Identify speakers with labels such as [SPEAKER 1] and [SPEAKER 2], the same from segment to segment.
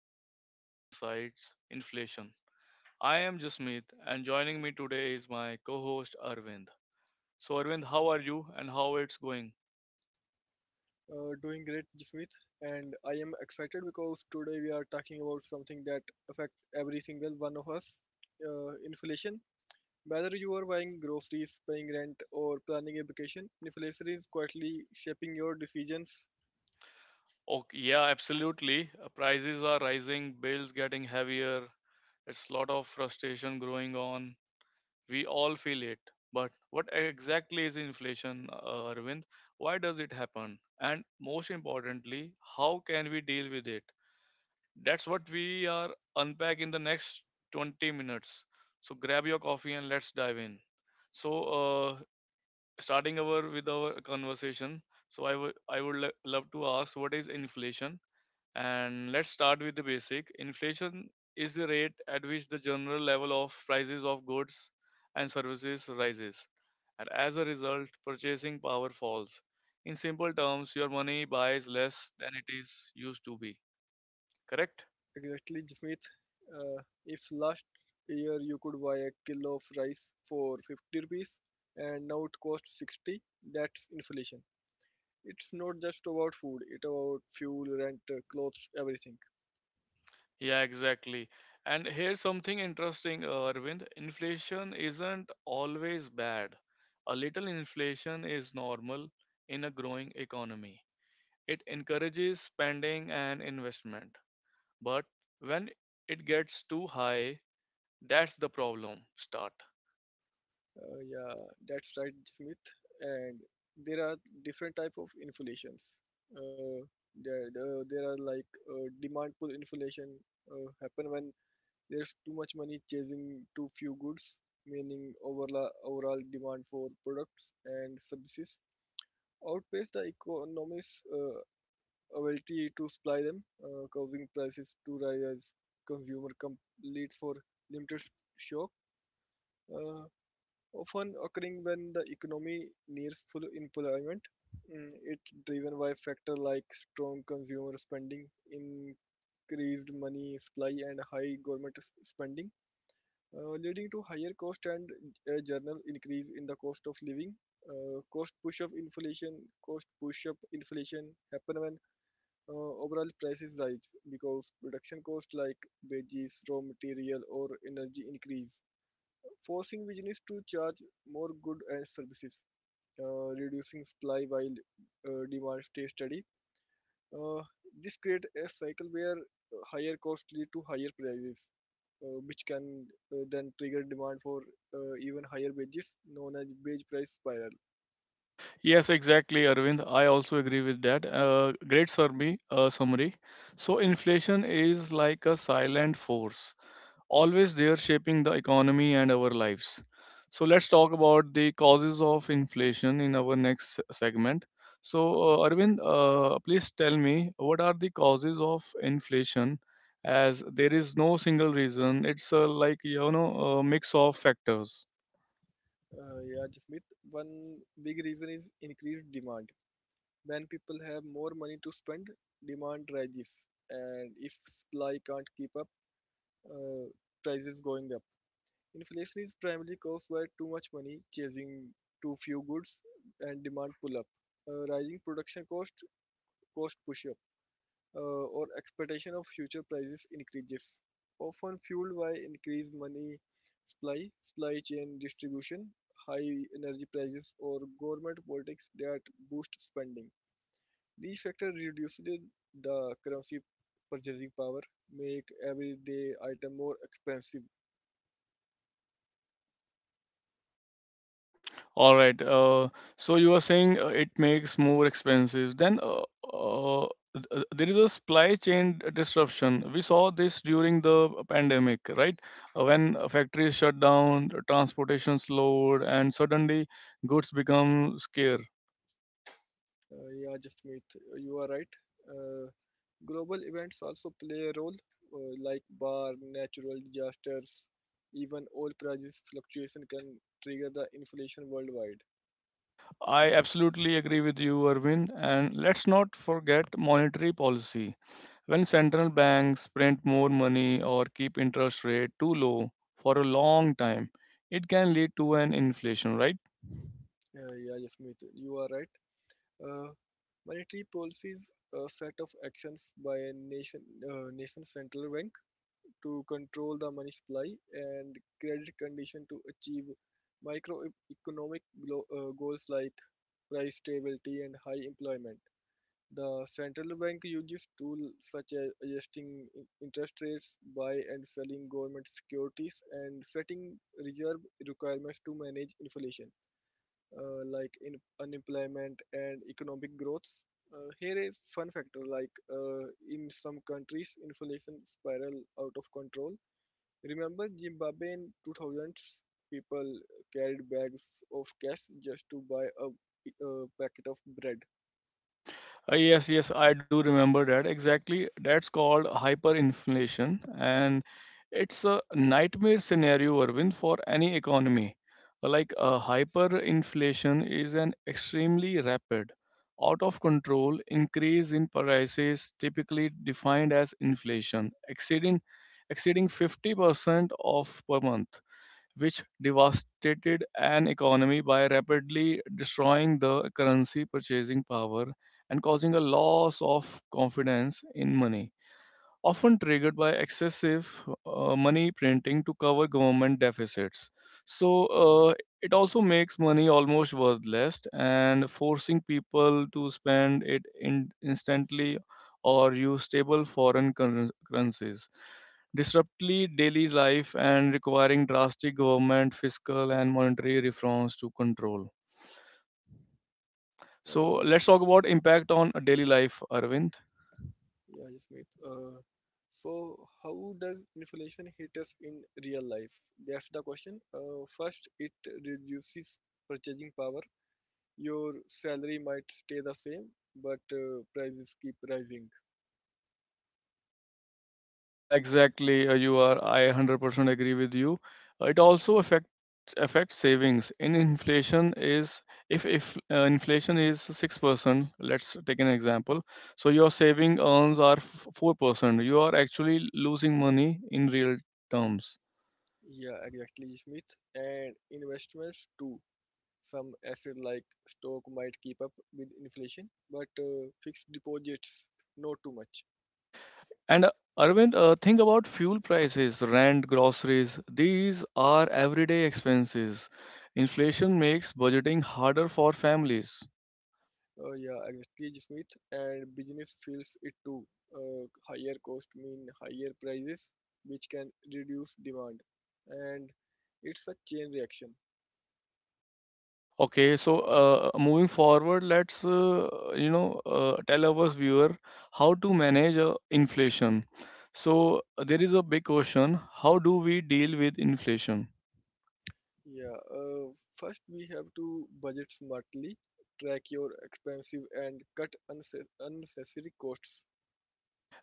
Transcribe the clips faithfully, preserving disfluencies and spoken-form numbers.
[SPEAKER 1] of Economic Insights Inflation. I am Jasmeet, and joining me today is my co host Arvind. So, Arvind, how are you and how it's going?
[SPEAKER 2] Uh, doing great, Jasmeet, and I am excited because today we are talking about something that affects every single one of us: uh, inflation. Whether you are buying groceries, paying rent, or planning a vacation, inflation is quietly shaping your decisions.
[SPEAKER 1] Oh, yeah, absolutely. Uh, Prices are rising, bills getting heavier. It's a lot of frustration growing on. We all feel it. But what exactly is inflation, uh, Arvind? Why does it happen? And most importantly, how can we deal with it? That's what we are unpack in the next twenty minutes. So grab your coffee and let's dive in. So uh, Starting our with our conversation. So I would I would lo- love to ask, what is inflation? And let's start with the basic. Inflation is the rate at which the general level of prices of goods and services rises. And as a result, purchasing power falls. In simple terms, your money buys less than it is used to be. Correct?
[SPEAKER 2] Exactly, Jasmeet. Uh, if last year you could buy a kilo of rice for fifty rupees and now it costs sixty, that's inflation. It's not just about food; it's about fuel, rent, uh, clothes, everything.
[SPEAKER 1] Yeah, exactly. And here's something interesting, uh, Arvind. Inflation isn't always bad. A little inflation is normal in a growing economy. It encourages spending and investment. But when it gets too high, that's the problem start.
[SPEAKER 2] Uh, yeah, that's right, Smith. And there are different type of inflations. Uh, there, the- there are like uh, demand pull inflation uh, happen when there's too much money chasing too few goods, meaning overall overall demand for products and services outpace the economy's uh, ability to supply them, uh, causing prices to rise as consumer complete for limited shock. Uh, Often occurring when the economy nears full employment. Mm, It's driven by factors like strong consumer spending, increased money supply, and high government s- spending, uh, leading to higher cost and a general increase in the cost of living. Uh, cost push up inflation Cost push up inflation happen when uh, overall prices rise because production costs like wages raw material or energy increase forcing business to charge more goods and services, uh, reducing supply while uh, demand stays steady. Uh, this creates a cycle where uh, higher costs lead to higher prices, uh, which can uh, then trigger demand for uh, even higher wages, known as wage price spiral.
[SPEAKER 1] Yes, exactly, Arvind. I also agree with that. Uh, great survey, uh, summary. So inflation is like a silent force, always there shaping the economy and our lives. So let's talk about the causes of inflation in our next segment. So uh, Arvind, uh, please tell me, what are the causes of inflation? As there is no single reason, it's uh, like you know a mix of factors.
[SPEAKER 2] Uh, yeah, Jasmeet, one big reason is increased demand. When people have more money to spend, demand rises, and if supply can't keep up, uh, prices going up. Inflation is primarily caused by too much money chasing too few goods and demand pull-up, uh, rising production cost, cost push-up, uh, or expectation of future prices increases, often fueled by increased money supply, supply chain distribution, high energy prices, or government politics that boost spending. These factors reduce the currency purchasing power, make everyday items more expensive.
[SPEAKER 1] All right. Uh, so you are saying uh, it makes more expensive. Then uh, uh, th- uh, there is a supply chain disruption. We saw this during the pandemic, right? Uh, when uh, factories shut down, the transportation slowed, and suddenly goods become scarce.
[SPEAKER 2] Uh, yeah, Jasmeet, you are right. Uh, Global events also play a role, uh, like bar, natural disasters, even oil prices fluctuation can trigger the inflation worldwide.
[SPEAKER 1] I absolutely agree with you, Arvind. And let's not forget monetary policy. When central banks print more money or keep interest rate too low for a long time, it can lead to an inflation, right?
[SPEAKER 2] Uh, yeah, Jasmeet, you are right. Uh, Monetary policies, a set of actions by a nation, uh, nation central bank to control the money supply and credit condition to achieve microeconomic glo- uh, goals like price stability and high employment. The central bank uses tools such as adjusting in- interest rates by and selling government securities and setting reserve requirements to manage inflation, uh, like in unemployment and economic growth. Uh, here a fun factor like uh, in some countries inflation spiral out of control. Remember Zimbabwe in two thousands people carried bags of cash just to buy a, p- a packet of bread.
[SPEAKER 1] Uh, yes, yes, I do remember that. Exactly. That's called hyperinflation, and it's a nightmare scenario, Arvind, for any economy. Uh, Like uh, hyperinflation is an extremely rapid, out of control increase in prices, typically defined as inflation, exceeding exceeding fifty percent of per month, which devastated an economy by rapidly destroying the currency purchasing power and causing a loss of confidence in money, often triggered by excessive uh, money printing to cover government deficits. So uh, it also makes money almost worthless and forcing people to spend it in instantly or use stable foreign curren- currencies. Disruptly daily life and requiring drastic government fiscal and monetary reforms to control.
[SPEAKER 2] Uh,
[SPEAKER 1] So let's talk about impact on daily life, Arvind.
[SPEAKER 2] Yeah, Jasmeet. Uh, so, how does inflation hit us in real life? That's the question. Uh, first, it reduces purchasing power. Your salary might stay the same, but uh, prices keep rising.
[SPEAKER 1] Yeah, exactly. Uh, you are. I one hundred percent agree with you. Uh, It also affects affects savings. In inflation is if if uh, Inflation is six percent, let's take an example. So your saving earns are four percent. You are actually losing money in real terms.
[SPEAKER 2] Yeah, exactly, Jasmeet. And investments too. Some asset like stock might keep up with inflation, but uh, fixed deposits, not too much.
[SPEAKER 1] And uh, Arvind, uh, think about fuel prices, rent, groceries. These are everyday expenses. Inflation makes budgeting harder for families.
[SPEAKER 2] Uh, yeah, exactly, Smith. And business feels it too. Uh, higher cost mean higher prices, which can reduce demand, and it's a chain reaction.
[SPEAKER 1] Okay, so uh, moving forward, let's uh, you know uh, tell our viewer how to manage uh, inflation. So there is a big question: how do we deal with inflation?
[SPEAKER 2] Yeah. Uh, first, we have to budget smartly, track your expensive, and cut unse- unnecessary costs.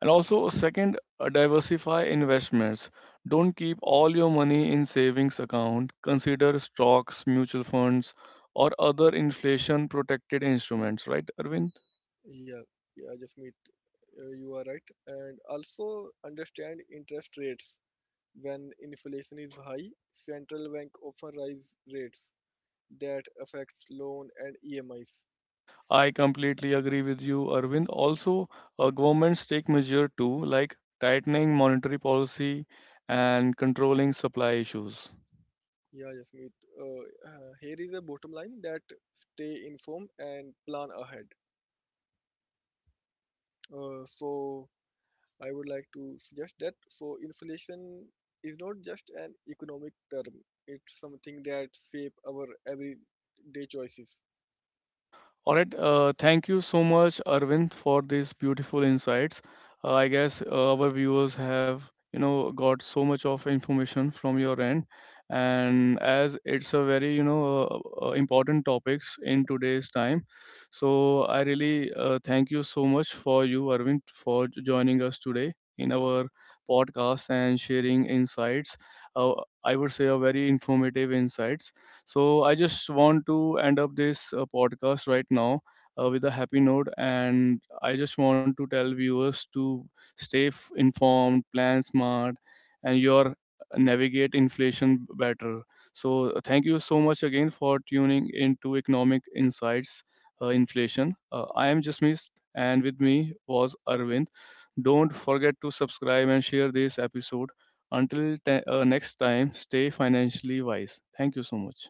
[SPEAKER 1] And also, second, uh, diversify investments. Don't keep all your money in savings account. Consider stocks, mutual funds, or other inflation protected instruments, right, Arvind?
[SPEAKER 2] Yeah, yeah, Jasmeet, uh, you are right. And also understand interest rates. When inflation is high, central bank often rise rates that affects loan and E M Is.
[SPEAKER 1] I completely agree with you, Arvind. Also, uh, governments take measure too, like tightening monetary policy and controlling supply issues.
[SPEAKER 2] Yeah, Jasmeet. Uh, uh, here is a bottom line that stay informed and plan ahead. Uh, so I would like to suggest that so inflation is not just an economic term. It's something that shape our everyday choices.
[SPEAKER 1] All right. Uh, thank you so much, Arvind, for these beautiful insights. Uh, I guess uh, our viewers have, you know, got so much of information from your end, and as it's a very, you know, uh, uh, important topics in today's time. So I really uh, thank you so much for you, Arvind, for j- joining us today in our podcast and sharing insights. Uh, I would say a very informative insights. So I just want to end up this uh, podcast right now uh, with a happy note, and I just want to tell viewers to stay f- informed, plan smart, and your uh, navigate inflation better. So uh, thank you so much again for tuning into Economic Insights uh, Inflation. Uh, I am Jasmeet, and with me was Arvind. Don't forget to subscribe and share this episode. Until te- uh, next time, stay financially wise. Thank you so much.